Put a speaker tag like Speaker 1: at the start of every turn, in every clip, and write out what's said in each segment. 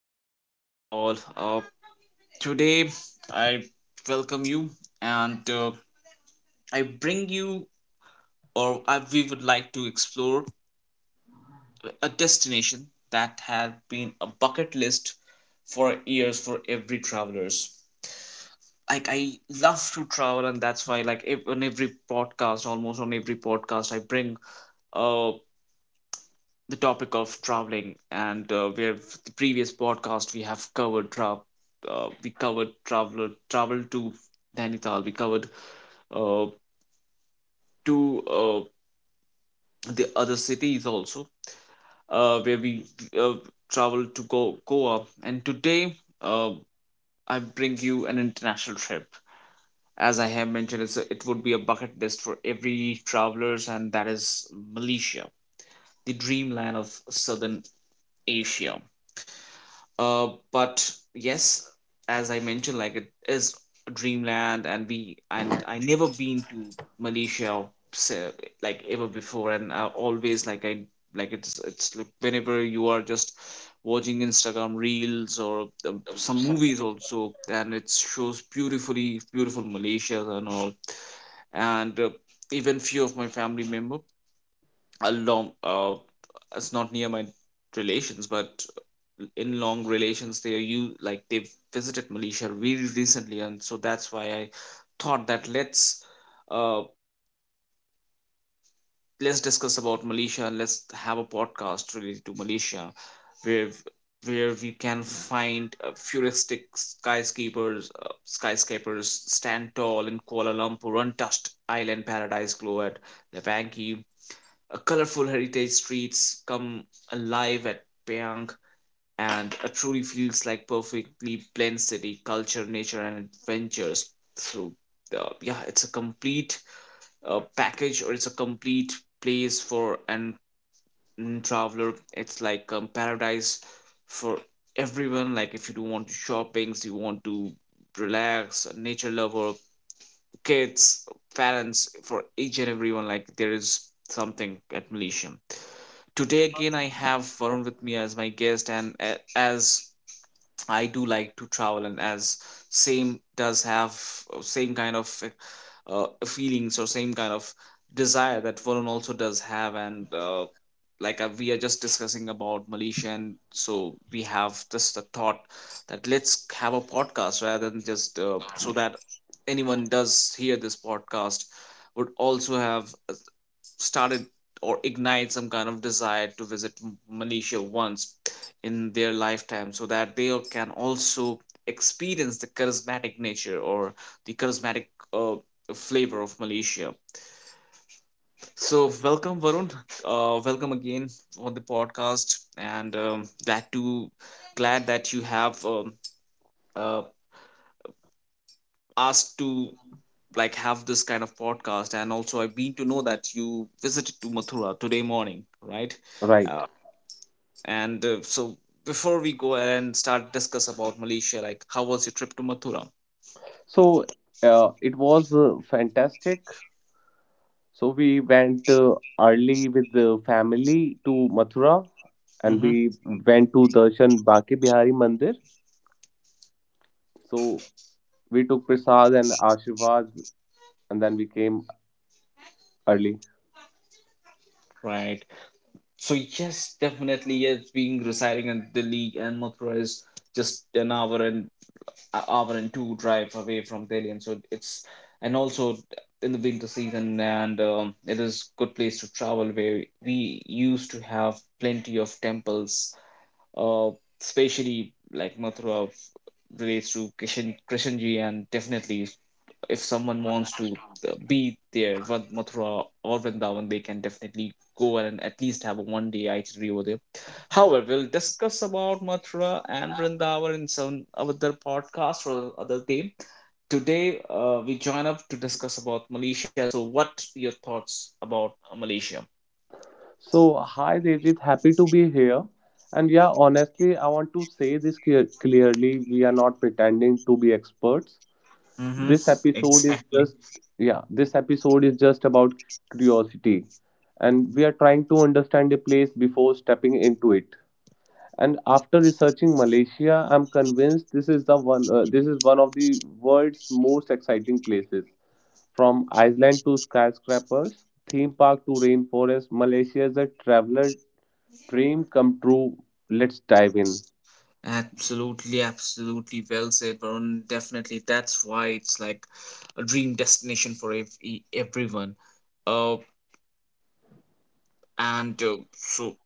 Speaker 1: How are you all? Today, I welcome you, and I bring you, or I, we would like to explore a destination that had been a bucket list for years for every travelers. Like I love to travel, and that's why, like, on every podcast, almost on every podcast, I bring uh, the topic of traveling, and where the previous podcast we have covered travel. We covered travel to Nainital. We covered uh, to the other cities also, where we uh, travel to Goa. And today, I bring you an international trip. As I have mentioned, it would be a bucket list for every travelers, and that is Malaysia, the dreamland of southern Asia. But yes, as I mentioned, like it is a dreamland, and we and I never been to Malaysia or like ever before, and I always like it's like whenever you are just watching Instagram reels or some movies also, and it shows beautiful Malaysia and all, and even few of my family member along it's not near my relations, but in long relations they are you like they've visited Malaysia very recently, and so that's why I thought that uh let's discuss about Malaysia, and let's have a podcast related to Malaysia where we can find futuristic skyscrapers stand tall in Kuala Lumpur, untouched island paradise glow at Levanki, colorful heritage streets come alive at Payang, and a truly feels like perfectly blends city, culture, nature and adventures through the yeah, it's a complete package, or it's a complete place for an traveler. It's like paradise for everyone. Like if you do want to shoppings, you want to relax, a nature lover, kids, parents, for each and everyone, like there is something at Malaysia. Today again I have Varun with me as my guest, and as I do like to travel, and as same does have same kind of feelings or same kind of desire that Varun also does have, and like we are just discussing about Malaysia, and so we have just the thought that let's have a podcast rather than just so that anyone does hear this podcast would also have started or ignite some kind of desire to visit Malaysia once in their lifetime so that they can also experience the charismatic nature or the charismatic uh, flavor of Malaysia. So, welcome, Varun. Welcome again on the podcast, and glad that you have uh, asked to like have this kind of podcast, and also I've been to know that you visited to Mathura today morning, right?
Speaker 2: Right.
Speaker 1: Uh, And so before we go ahead and start discuss about Malaysia, like how was your trip to Mathura?
Speaker 2: So it was fantastic. So we went early with the family to Mathura and
Speaker 1: Mm-hmm.
Speaker 2: we went to Darshan Baki Bihari Mandir. So we took prasad and Ashirvad and then we came early.
Speaker 1: Right. So yes, definitely. Yes, being residing in Delhi, and Mathura is just an hour and hour and two drive away from Delhi, and so it's and also in the winter season, and it is good place to travel where we used to have plenty of temples, uh, especially like Mathura relates to Krishanji, and definitely if someone wants to be there, Mathura or Vrindavan, they can definitely go and at least have a one day itinerary over there. However, we'll discuss about Mathura and Vrindavan in some other podcast or other day. Today, we join up to discuss about Malaysia. So, what your thoughts about Malaysia?
Speaker 2: So hi Devjit, happy to be here. And yeah, honestly, I want to say this clearly. We are not pretending to be experts.
Speaker 1: Mm-hmm.
Speaker 2: This episode is
Speaker 1: Exactly.
Speaker 2: just yeah this episode is just about curiosity, and we are trying to understand a place before stepping into it. And after researching Malaysia, I'm convinced this is the one. This is one of the world's most exciting places, from iceland to skyscrapers, theme park to rainforest. Malaysia is a traveler dream come true. Let's dive in.
Speaker 1: Absolutely, absolutely well said, Varun. Definitely, that's why it's like a dream destination for everyone. Uh, and so,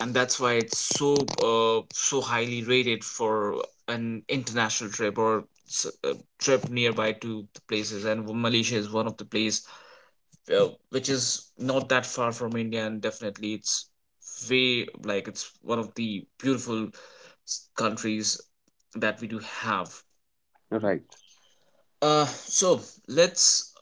Speaker 1: and that's why it's so so highly rated for an international trip or a trip nearby to the places. And Malaysia is one of the place which is not that far from India, and definitely it's way like it's one of the beautiful countries that we do have.
Speaker 2: Right.
Speaker 1: So let's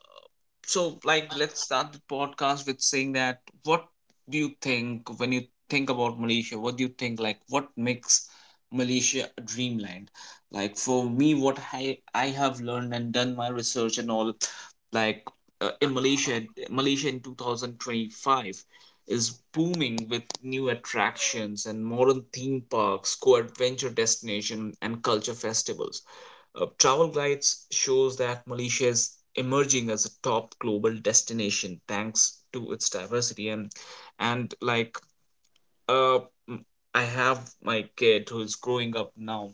Speaker 1: let's start the podcast with saying that what do you think when you think about Malaysia? What do you think, like what makes Malaysia a dreamland? Like for me, what I have learned and done my research and all, like in Malaysia, Malaysia in 2025 is booming with new attractions and modern theme parks, co-adventure destination and culture festivals. Travel Guides shows that Malaysia is emerging as a top global destination thanks to its diversity. And like uh m- I have my kid who is growing up now,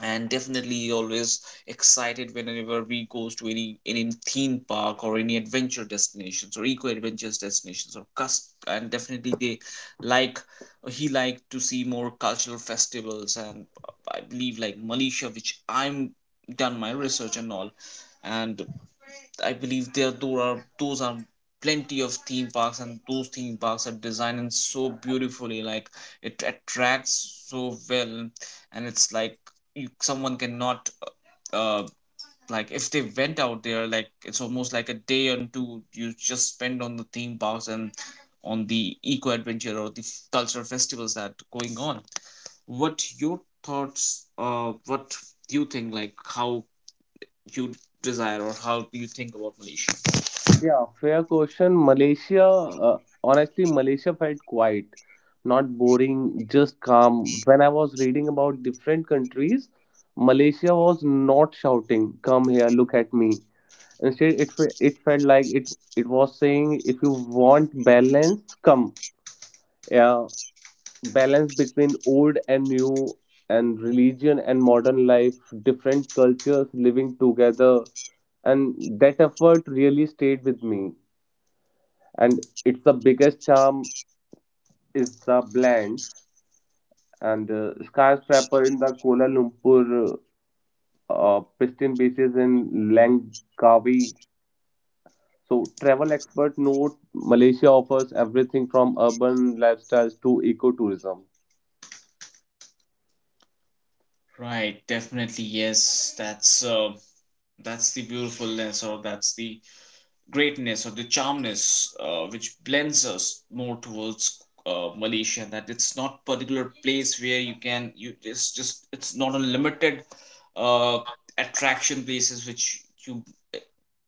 Speaker 1: and definitely always excited whenever we goes to any theme park or any adventure destinations or eco adventures destinations or cus, and definitely they like he liked to see more cultural festivals. And I believe like Malaysia, which I'm done my research and all, and I believe there those are plenty of theme parks, and those theme parks are designed and so beautifully, like it attracts so well, and it's like you, someone cannot uh like if they went out there, like it's almost like a day and two you just spend on the theme parks and on the eco adventure or the cultural festivals that going on. What your thoughts? What do you think, like how you desire or how do you think about Malaysia?
Speaker 2: Yeah, fair question. Malaysia, honestly, Malaysia felt quiet, not boring, just calm. When I was reading about different countries, Malaysia was not shouting, "Come here, look at me." Instead, it felt like it was saying, "If you want balance, come." Yeah, balance between old and new, and religion and modern life, different cultures living together, and that effort really stayed with me. And it's the biggest charm is the blend. And skyscraper in the Kuala Lumpur, pristine beaches in Langkawi. So travel expert note Malaysia offers everything from urban lifestyles to ecotourism.
Speaker 1: Right, definitely yes. That's the beautifulness, or that's the greatness or the charmness which blends us more towards Malaysia, that it's not particular place where you can you it's just it's not a limited uh, attraction places which you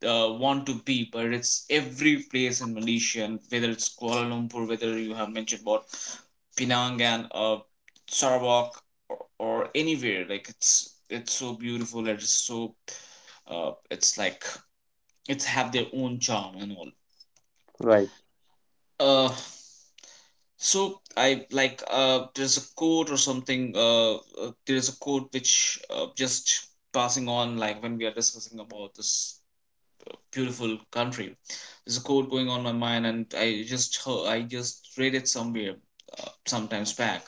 Speaker 1: want to be, but it's every place in Malaysia, and whether it's Kuala Lumpur, whether you have mentioned about Penang and Sarawak or anywhere, like it's so beautiful, it's so it's like it's have their own charm and all.
Speaker 2: Right,
Speaker 1: uh so I like there's a quote or something there's a quote which just passing on, like when we are discussing about this beautiful country. There's a quote going on my mind, and I just heard, I just read it somewhere, sometimes back.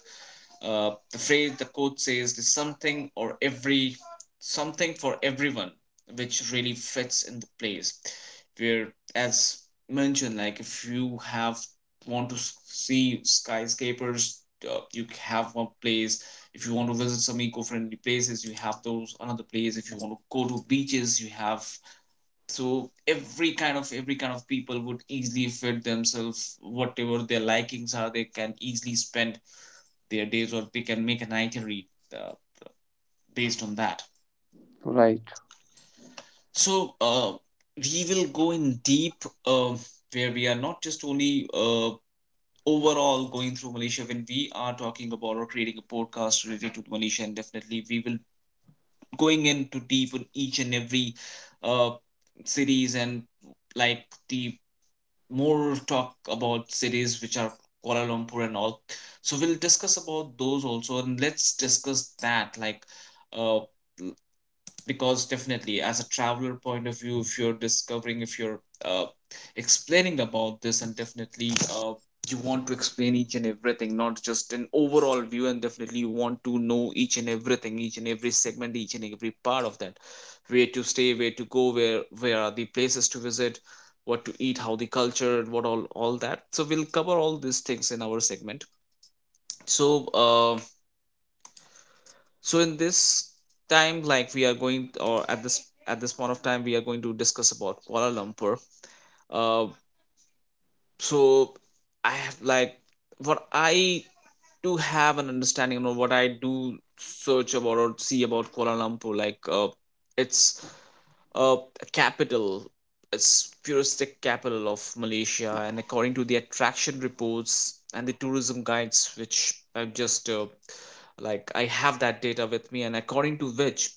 Speaker 1: The phrase, the quote says, "There's something or every something for everyone," which really fits in the place. Where, as mentioned, like if you have want to see skyscrapers, you have one place. If you want to visit some eco-friendly places, you have those another place. If you want to go to beaches, you have so every kind of people would easily fit themselves whatever their likings are. They can easily spend their days, or they can make an itinerary uh, based on that.
Speaker 2: right,
Speaker 1: So we will go in deep uh, where we are not just only overall going through Malaysia. When we are talking about or creating a podcast related to Malaysia, and definitely we will going into deep on each and every uh, cities, and like the more talk about cities which are Kuala Lumpur and all. So we'll discuss about those also, and let's discuss that like, uh, because definitely as a traveler point of view, if you're discovering, if you're explaining about this, and definitely you want to explain each and everything, not just an overall view, and definitely you want to know each and everything, each and every segment, each and every part of that, where to stay, where to go, where are the places to visit, what to eat, how the culture, what all that. So we'll cover all these things in our segment. So so in this time, like we are going, or at this point of time, we are going to discuss about Kuala Lumpur. uh, so I have like what I do have an understanding of what I do search about or see about Kuala Lumpur, like it's uh, capital. It's futuristic capital of Malaysia, and according to the attraction reports and the tourism guides, which I've just like I have that data with me, and according to which,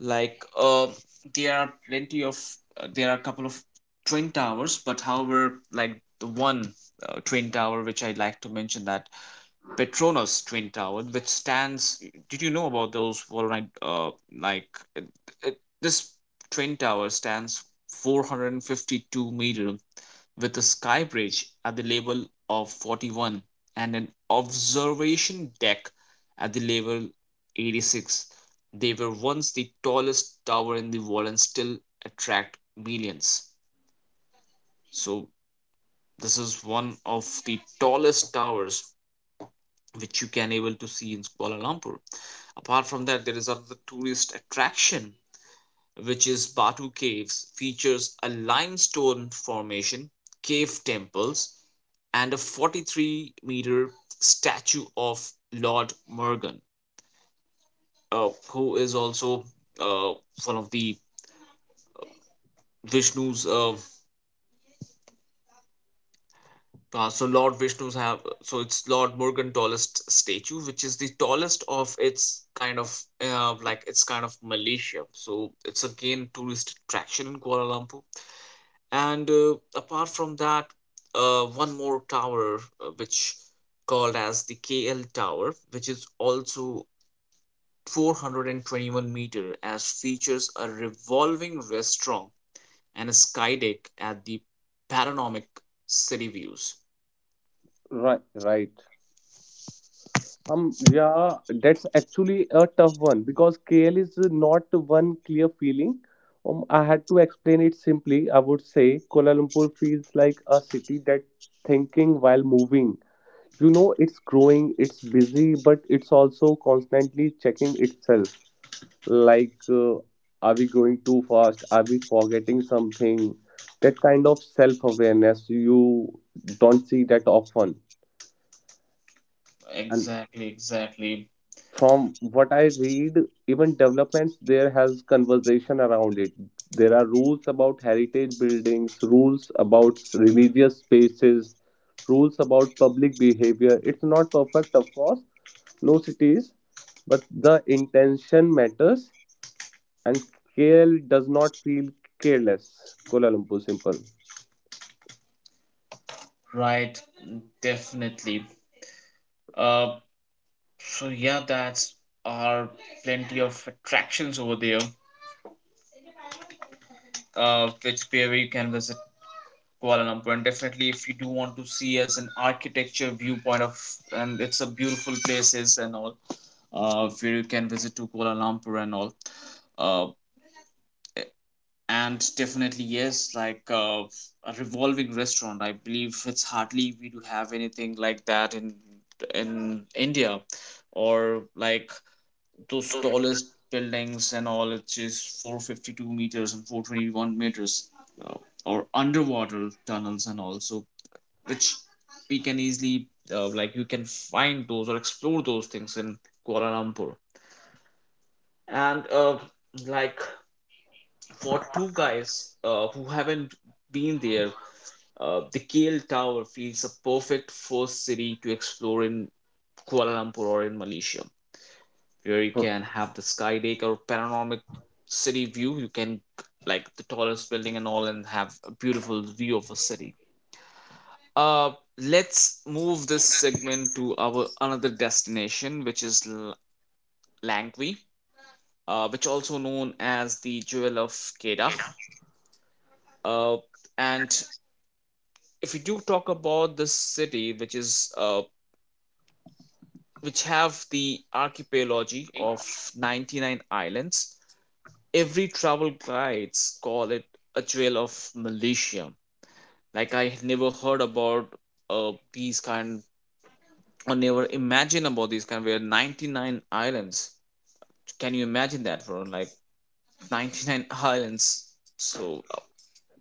Speaker 1: like there are plenty of there are a couple of twin towers, but however, like the one twin tower which I'd like to mention, that Petronas Twin Tower, which stands. Did you know about those Voronoi? Like it, this twin tower stands 452 meter, with a sky bridge at the level of 41, and an observation deck at the level 86. They were once the tallest tower in the world and still attract millions. So this is one of the tallest towers which you can able to see in Kuala Lumpur. Apart from that, there is another tourist attraction which is Batu Caves, features a limestone formation, cave temples, and a 43-meter statue of Lord Murugan, who is also uh, one of the Vishnu's So Lord Vishnu's have so it's Lord Morgantolest statue, which is the tallest of its kind of like its kind of Malaysia. So it's again tourist attraction in Kuala Lumpur. And apart from that, one more tower which called as the KL Tower, which is also 421-meter, as features a revolving restaurant and a sky deck at the panoramic city views.
Speaker 2: right. Yeah, that's actually a tough one because KL is not one clear feeling. I had to explain it simply. I would say Kuala Lumpur feels like a city that thinking while moving. You know, it's growing, it's busy, but it's also constantly checking itself. Like, are we going too fast? Are we forgetting something? That kind of self-awareness you don't see that often. And
Speaker 1: Exactly, exactly.
Speaker 2: from what I read, even developments there has conversation around it. There are rules about heritage buildings, rules about religious spaces, rules about public behavior. It's not perfect, of course, no city is, but the intention matters. And KL does not feel careless. Kuala Lumpur simple.
Speaker 1: Right, definitely. Uh, so yeah, that's are plenty of attractions over there. Which where you can visit Kuala Lumpur, and definitely if you do want to see as an architecture viewpoint of, and it's a beautiful places and all. Where you can visit to Kuala Lumpur and all. Uh, and definitely yes like a revolving restaurant I believe it's hardly we do have anything like that in India, or like those tallest buildings and all, it's just 452 meters and 421 meters, uh, or underwater tunnels and also which we can easily like you can find those or explore those things in Kuala Lumpur. And like for two guys who haven't been there, the KL Tower feels a perfect first city to explore in Kuala Lumpur or in Malaysia, where you can have the sky deck or panoramic city view. You can like the tallest building and all, and have a beautiful view of a city. Uh, let's move this segment to our another destination, which is Langwi, which also known as the Jewel of Kedah. Uh, and if we do talk about this city which is which have the archipelago of 99 islands. Every travel guides call it a jewel of Malaysia. Like I never heard about these kind, or never imagine about these kind where 99 islands. Can you imagine that for like 99 islands? So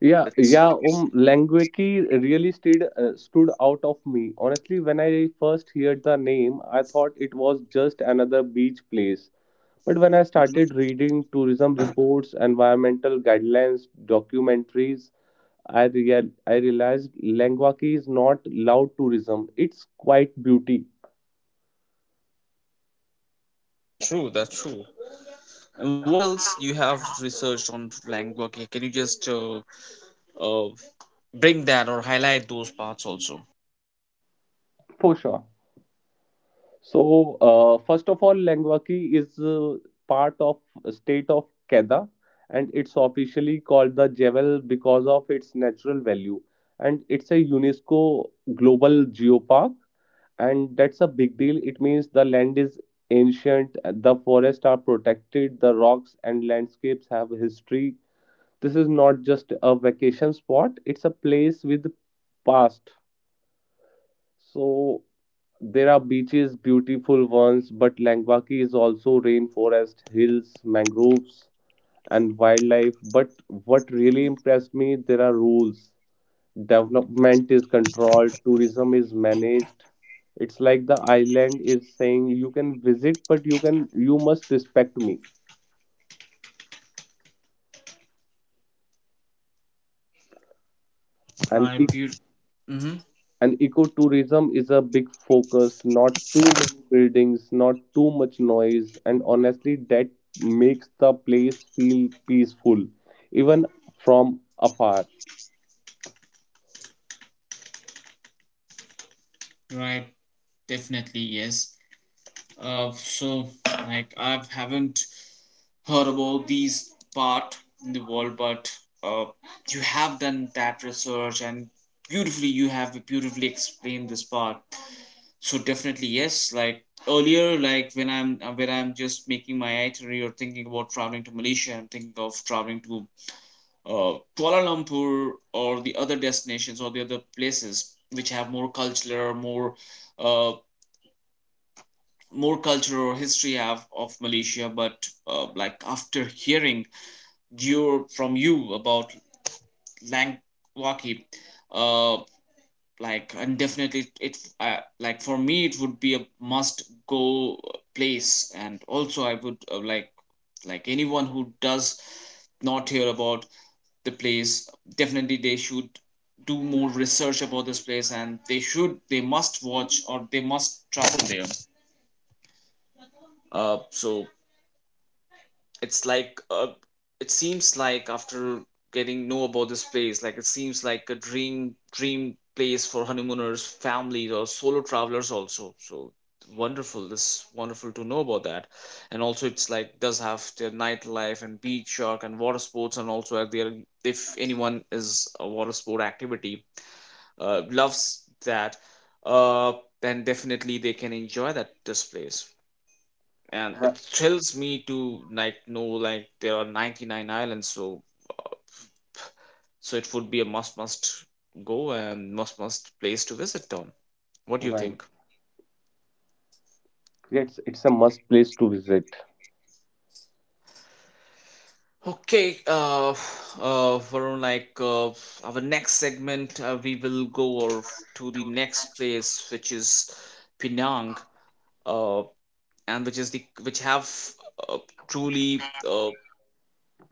Speaker 2: Yeah,
Speaker 1: it's.
Speaker 2: yeah, Languiki really stood out of me. Honestly, when I first heard the name, I thought it was just another beach place. But when I started reading tourism reports, environmental guidelines, documentaries, I realized Languaki is not loud tourism, it's quite beauty,
Speaker 1: That's true. That's true. And what else you have researched on Langloki? Can you just uh, bring that or highlight those parts also?
Speaker 2: for sure. So, first of all, Langwaki is part of state of Kedah, and it's officially called the Jebel because of its natural value. And it's a UNESCO global geopark, and that's a big deal. It means the land is ancient, the forests are protected, the rocks and landscapes have history. This is not just a vacation spot; it's a place with past. So there are beaches, beautiful ones, but Langbaki is also rainforest, hills, mangroves, and wildlife. But what really impressed me, there are rules. Development is controlled, tourism is managed. It's like the island is saying you can visit, but you can you must respect me and
Speaker 1: Right,
Speaker 2: keep.
Speaker 1: beautiful. Mm-hmm.
Speaker 2: And ecotourism is a big focus, not too many buildings, not too much noise, and honestly, that makes the place feel peaceful, even from afar.
Speaker 1: Right, definitely yes. So like I haven't heard about these part in the world, but uh, you have done that research and beautifully you have beautifully explained this part. So definitely yes, like earlier, like when I'm just making my itinerary or thinking about traveling to Malaysia, I'm thinking of traveling to Kuala Lumpur or the other destinations or the other places which have more cultural, more uh, more culture or history have of Malaysia, but like after hearing your from you about Langkawi, uh, like and definitely it like for me it would be a must go place, and also I would like anyone who does not hear about the place, definitely they should do more research about this place, and they must watch or they must travel there. So it's like it seems like after getting know about this place, like it seems like a dream place for honeymooners, families, or solo travelers also. So wonderful, this wonderful to know about that. And also it's like does have their nightlife and beach shark and water sports, and also at their, if anyone is a water sport activity loves that, uh, then definitely they can enjoy that this place. And it
Speaker 2: Right.
Speaker 1: thrills me to like know like there are 99 islands. So so it would be a must go, and must place to visit on. What do you
Speaker 2: Right.
Speaker 1: think?
Speaker 2: Yes, it's a must place to visit.
Speaker 1: Okay. Varun, like our next segment we will go or to the next place, which is Penang, uh and which is the which have uh, truly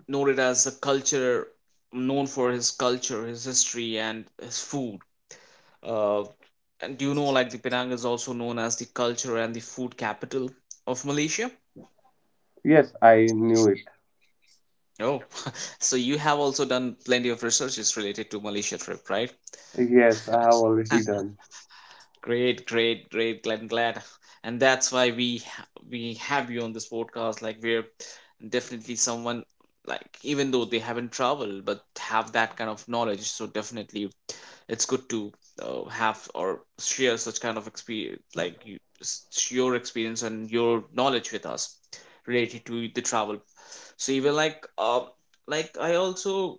Speaker 1: noted as a culture, known for his culture, his history, and his food. uh, And do you know, like, the Penang is also known as the culture and the food capital of Malaysia?
Speaker 2: Yes, I knew it.
Speaker 1: Oh, so you have also done plenty of researches related to Malaysia trip, right?
Speaker 2: Yes, I have already done.
Speaker 1: Great, great, great. Glad, glad, and that's why we have you on this podcast. Like, we're definitely someone like, even though they haven't traveled, but have that kind of knowledge. So definitely it's good to have or share such kind of experience like you, your experience and your knowledge with us related to the travel. So even like I also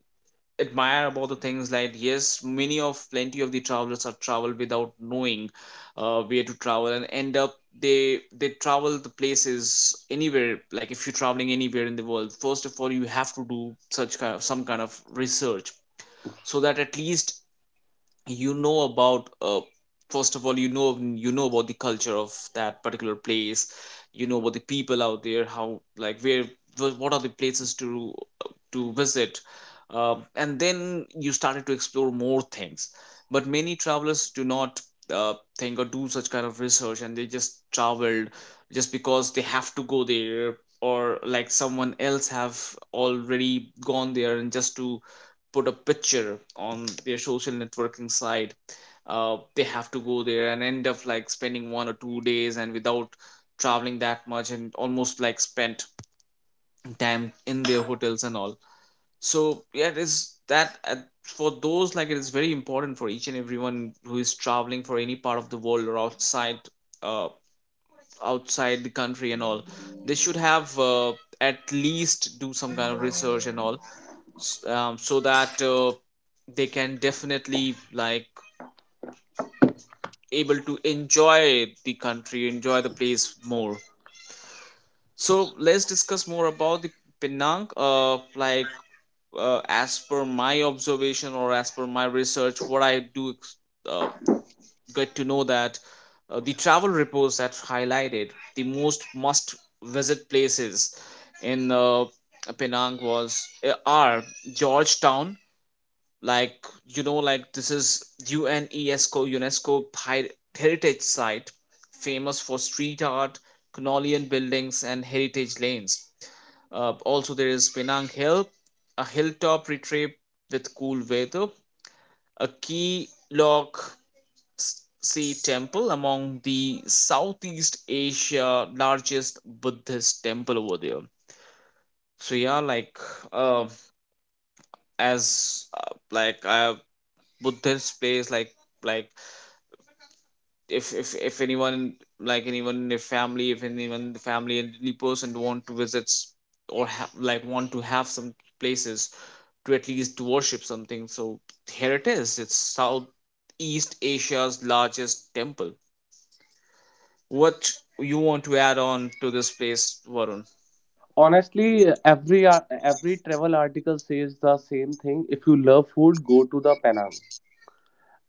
Speaker 1: admire about the things like, yes, many of plenty of the travelers are travel without knowing where to travel and end up they travel the places anywhere. Like if you're traveling anywhere in the world, first of all you have to do such kind of, some kind of research, so that at least you know about first of all you know, you know about the culture of that particular place, you know about the people out there, how like where, what are the places to visit, and then you started to explore more things. But many travelers do not think or do such kind of research, and they just traveled just because they have to go there, or like someone else have already gone there and just to put a picture on their social networking site. They have to go there and end up like spending 1 or 2 days, and without traveling that much, and almost like spent time in their hotels and all. So yeah, it is that for those like, it is very important for each and everyone who is traveling for any part of the world or outside, uh, outside the country and all, they should have at least do some kind of research and all, so that they can definitely like able to enjoy the country, enjoy the place more. So let's discuss more about the Penang. Like, as per my observation or as per my research, what I do uh, get to know that, the travel reports that highlighted the most must visit places in Penang was are Georgetown. Like, you know, like this is UNESCO heritage site, famous for street art, Canolian buildings, and heritage lanes. Also there is Penang Hill, a hilltop retreat with cool weather, a key log sea temple among the Southeast Asia largest Buddhist temple over there. So yeah, like uh, as like Buddhist place, like if anyone, like anyone in your family, if anyone the family and any person want to visit or have like want to have some places to at least worship something, so here it is, it's Southeast Asia's largest temple. What you want to add on to this place, Varun?
Speaker 2: Honestly, every travel article says the same thing. If you love food, go to the Penang.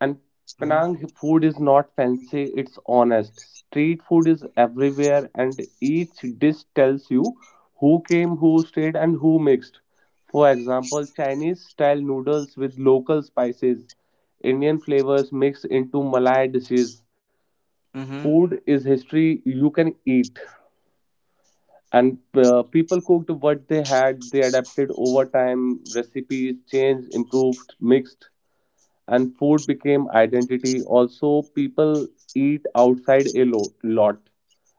Speaker 2: And
Speaker 1: Mm-hmm.
Speaker 2: Penang food is not fancy, it's honest. Street food is everywhere, and each dish tells you who came, who stayed, and who mixed. For example, Chinese style noodles with local spices, Indian flavors mixed into Malay dishes.
Speaker 1: Mm-hmm.
Speaker 2: Food is history you can eat. And people cooked what they had, they adapted over time, recipes changed, improved, mixed, and food became identity. Also, people eat outside a lot,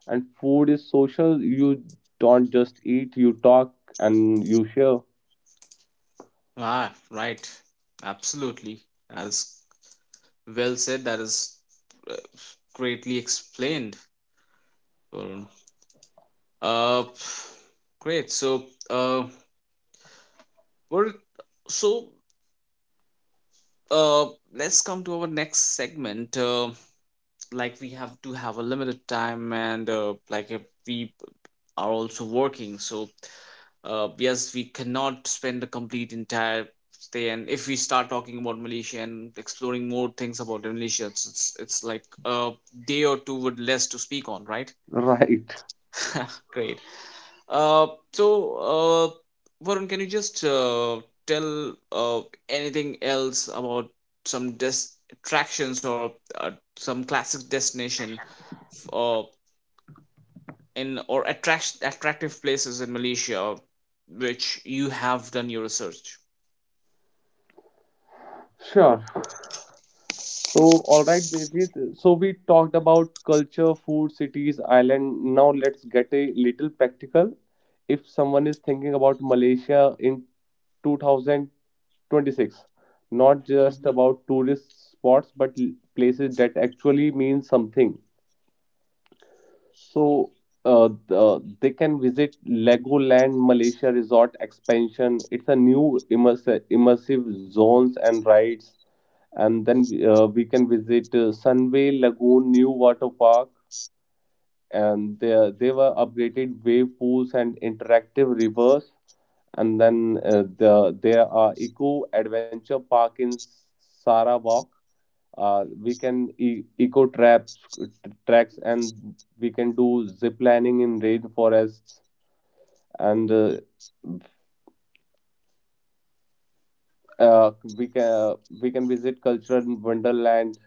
Speaker 2: and food is social. You don't just eat, you talk and you share.
Speaker 1: Ah, right, absolutely, that is well said, that is uh, greatly explained, Varun. Uh, great. Uh, we're so uh, let's come to our next segment. Like we have to have a limited time, and like if we are also working, so yes, we cannot spend the complete entire day. And if we start talking about Malaysia and exploring more things about Malaysia, it's like a day or two would less to speak on, right?
Speaker 2: Right.
Speaker 1: Great. So, Varun, can you just tell anything else about some des- attractions or uh, some classic destination f- uh, in or attractive places in Malaysia which you have done your research?
Speaker 2: Sure. So, all right, Devjit. So, we talked about culture, food, cities, island. Now, let's get a little practical. If someone is thinking about Malaysia in 2026, not just
Speaker 1: Mhm.
Speaker 2: about tourist spots, but places that actually mean something, so they can visit Legoland Malaysia Resort Expansion. It's a new immersive zones and rides. And then we can visit Sunway Lagoon New Water Park. And they were upgraded wave pools and interactive rivers. And then there are Eco Adventure Park in Sarawak. We can eco traps tracks, and we can do zip lining in rainforests. And we can visit cultural wonderland,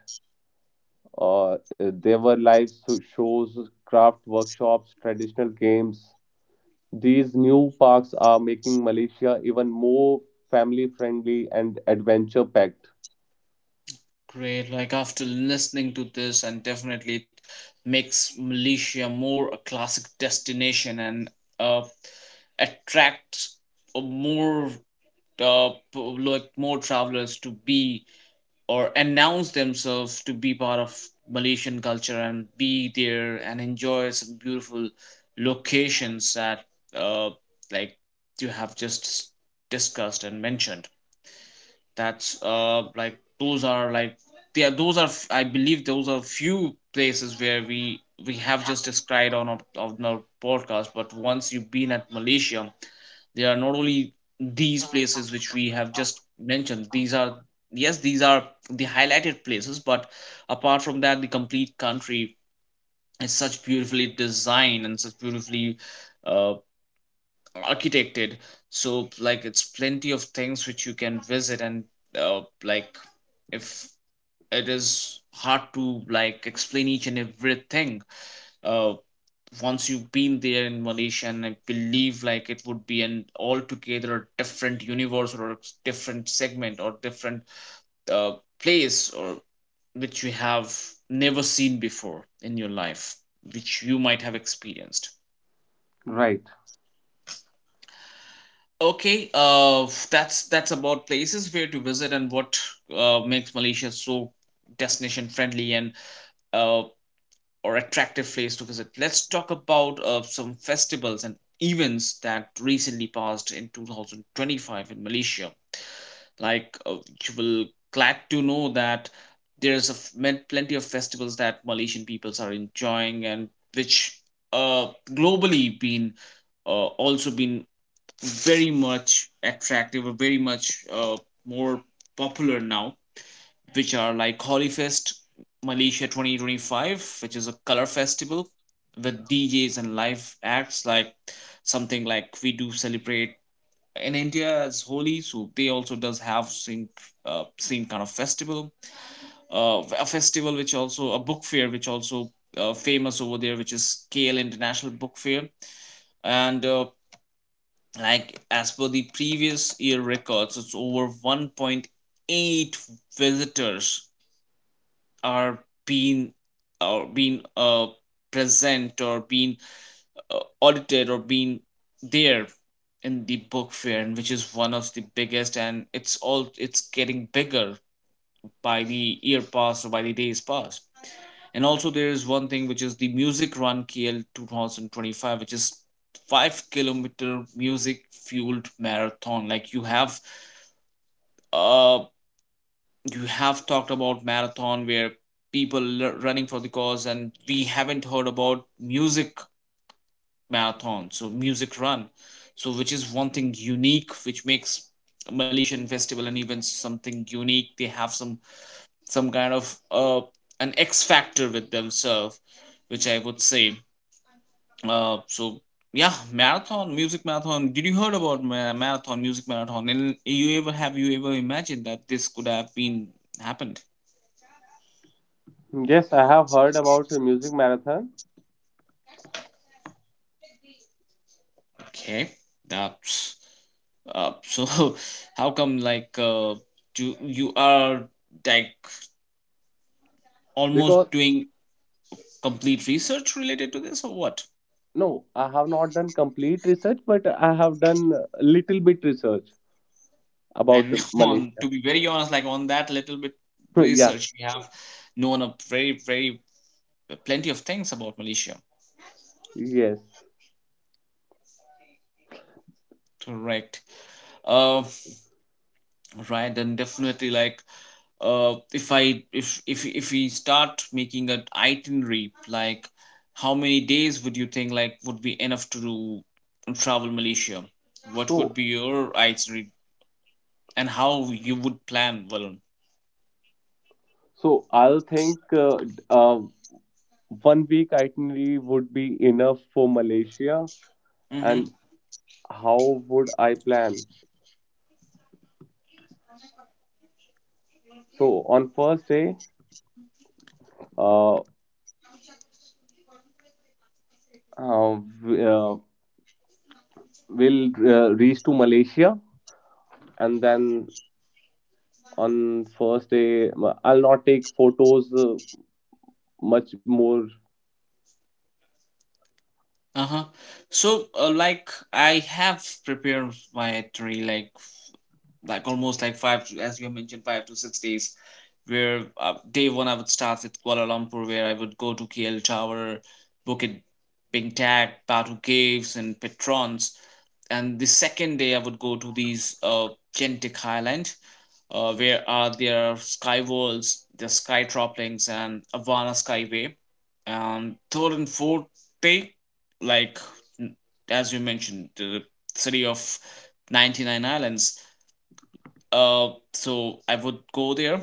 Speaker 2: or there were shows, craft workshops, traditional games. These new parks are making Malaysia even more family friendly and adventure packed.
Speaker 1: Great. Like after listening to this, and definitely it makes Malaysia more a classic destination, and uh, attracts a more like more travelers to be or announce themselves to be part of Malaysian culture and be there and enjoy some beautiful locations that uh, like you have just discussed and mentioned. That's like those are like, yeah, those are I believe those are few places where we have just described on on our podcast. But once you've been at Malaysia, they are not only these places which we have just mentioned. These are, yes, these are the highlighted places, but apart from that, the complete country is such beautifully designed and such beautifully uh, architected. So like, it's plenty of things which you can visit, and like, if it is hard to like explain each and everything. Uh, once you've been there in Malaysia, and I believe like it would be an altogether different universe, or a different segment, or different uh, place, or which you have never seen before in your life, which you might have experienced.
Speaker 2: Right.
Speaker 1: Okay. That's about places where to visit, and what makes Malaysia so destination friendly and uh or attractive place to visit. Let's talk about some festivals and events that recently passed in 2025 in Malaysia. You will glad to know that there's a plenty of festivals that Malaysian peoples are enjoying, and which uh globally been also been very much attractive, or very much more popular now, which are like Holly Malaysia 2025, which is a color festival with DJs and live acts, like something like we do celebrate in India as Holi. So they also does have same same kind of festival. A festival which also a book fair, which also famous over there, which is KL International Book Fair. And like as per the previous year records, it's over 1.8 visitors are being, or being present, or being audited, or being there in the book fair, and which is one of the biggest, and it's getting bigger by the year passed or by the days passed. And also there is one thing which is the music run kl 2025, which is 5 kilometer music fueled marathon. Like uh you have talked about marathon where running for the cause, and we haven't heard about music marathon, so music run. So which is one thing unique, which makes malaysian festival and events something unique. They have some some kind of an x factor with themselves, which I would say. uh so yeah, marathon, music marathon. Did you heard about marathon music marathon? And you ever have you ever imagined that this could have been happened?
Speaker 2: Yes, I have heard about a music marathon.
Speaker 1: Okay. That's uh, so how come like do you are like
Speaker 2: Because
Speaker 1: almost doing complete research related to this or what?
Speaker 2: no, I have not done complete research, but I have done a little bit research about
Speaker 1: And on to
Speaker 2: Malaysia.
Speaker 1: be very honest, like on that little bit
Speaker 2: Yeah,
Speaker 1: research, we have known a very very plenty of things about Malaysia.
Speaker 2: yes.
Speaker 1: Correct. Uh, right, and definitely like if I if we start making an itinerary, like how many days would you think like would be enough to do travel Malaysia? What would
Speaker 2: So,
Speaker 1: be your itinerary and how you would plan, Valun?
Speaker 2: so I'll think 1 week itinerary would be enough for Malaysia,
Speaker 1: Mm-hmm.
Speaker 2: and how would I plan? So on first day, uh, uh, w- uh, we'll reach to Malaysia, and then on first day, I'll not take photos much more.
Speaker 1: Uh huh. So like I have prepared my itinerary. Almost like five to, as you have mentioned, 5 to 6 days, where day one I would start with kuala lumpur, where I would go to kl tower, bukit bintag, batu caves, and patrons. And the second day I would go to these gentic highland, where are their sky walls, their sky droplings, and avana skyway. Third and fourth day, like n- as you mentioned, the city of 99 islands, so I would go there,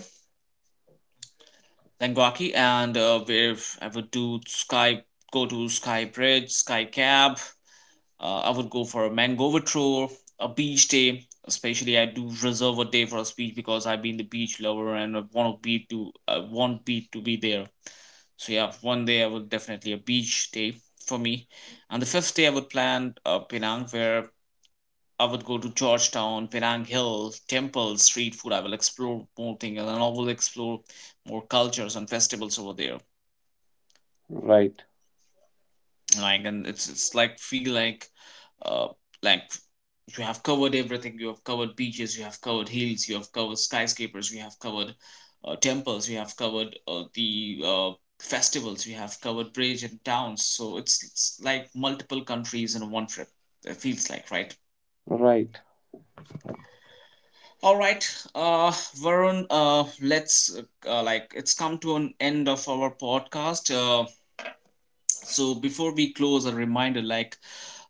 Speaker 1: Langwaki, and where I would do Sky, go to Sky Bridge, Sky Cab. I would go for a Mangover tour, a beach day. Especially, I do reserve a day for a beach because I've been the beach lover and I want beach to be there. So yeah, one day I would definitely a beach day for me. And the fifth day I would plan Penang, where I would go to Georgetown, Penang Hill, temples, street food. I will explore more things, and I will explore more cultures and festivals over there.
Speaker 2: Right.
Speaker 1: Like, and it's like feel like, uh, like you have covered everything. You have covered beaches. You have covered hills. You have covered skyscrapers. You have covered temples. You have covered the festivals. You have covered bridge and towns. So it's like multiple countries in one trip. It feels like, right.
Speaker 2: Right,
Speaker 1: All right, uh, Varun. Let's like it's come to an end of our podcast. So before we close, a reminder, like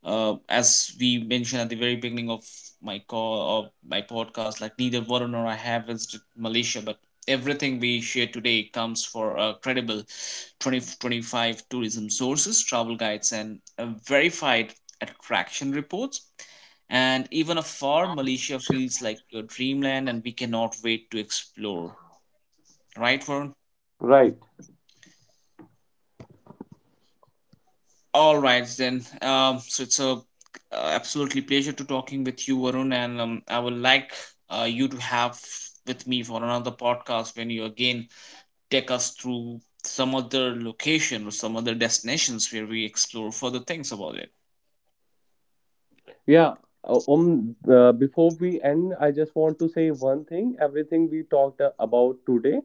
Speaker 1: as we mentioned at the very beginning of my call or my podcast, like neither Warren nor I have visited Malaysia, but everything we share today comes for credible 2025 tourism sources, travel guides, and verified attraction reports. And even afar, Malaysia feels like your dreamland, and we cannot wait to explore. Right, Warren?
Speaker 2: right.
Speaker 1: All right then. So it's a absolutely pleasure to talking with you, Varun. And I would like you to have with me for another podcast, when you again take us through some other location or some other destinations where we explore further things about it.
Speaker 2: Yeah. Before we end, I just want to say one thing. Everything we talked about today,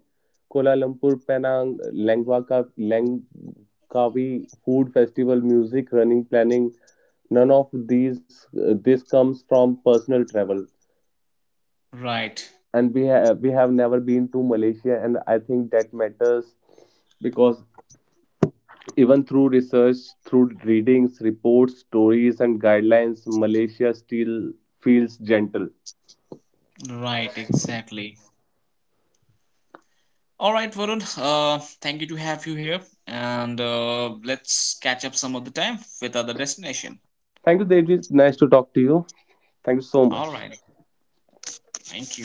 Speaker 2: Kuala Lumpur, Penang, Langwa Ka, Langkawi food festival, music, running, planning. None of these. This comes from personal travel,
Speaker 1: Right.
Speaker 2: and we have never been to Malaysia, and I think that matters because even through research, through readings, reports, stories, and guidelines, Malaysia still feels gentle.
Speaker 1: Right. Exactly. All right, Varun. Thank you to have you here, and let's catch up some other time with other destination.
Speaker 2: Thank you, David. Nice to talk to you. Thank you so
Speaker 1: All
Speaker 2: much.
Speaker 1: right. Thank you.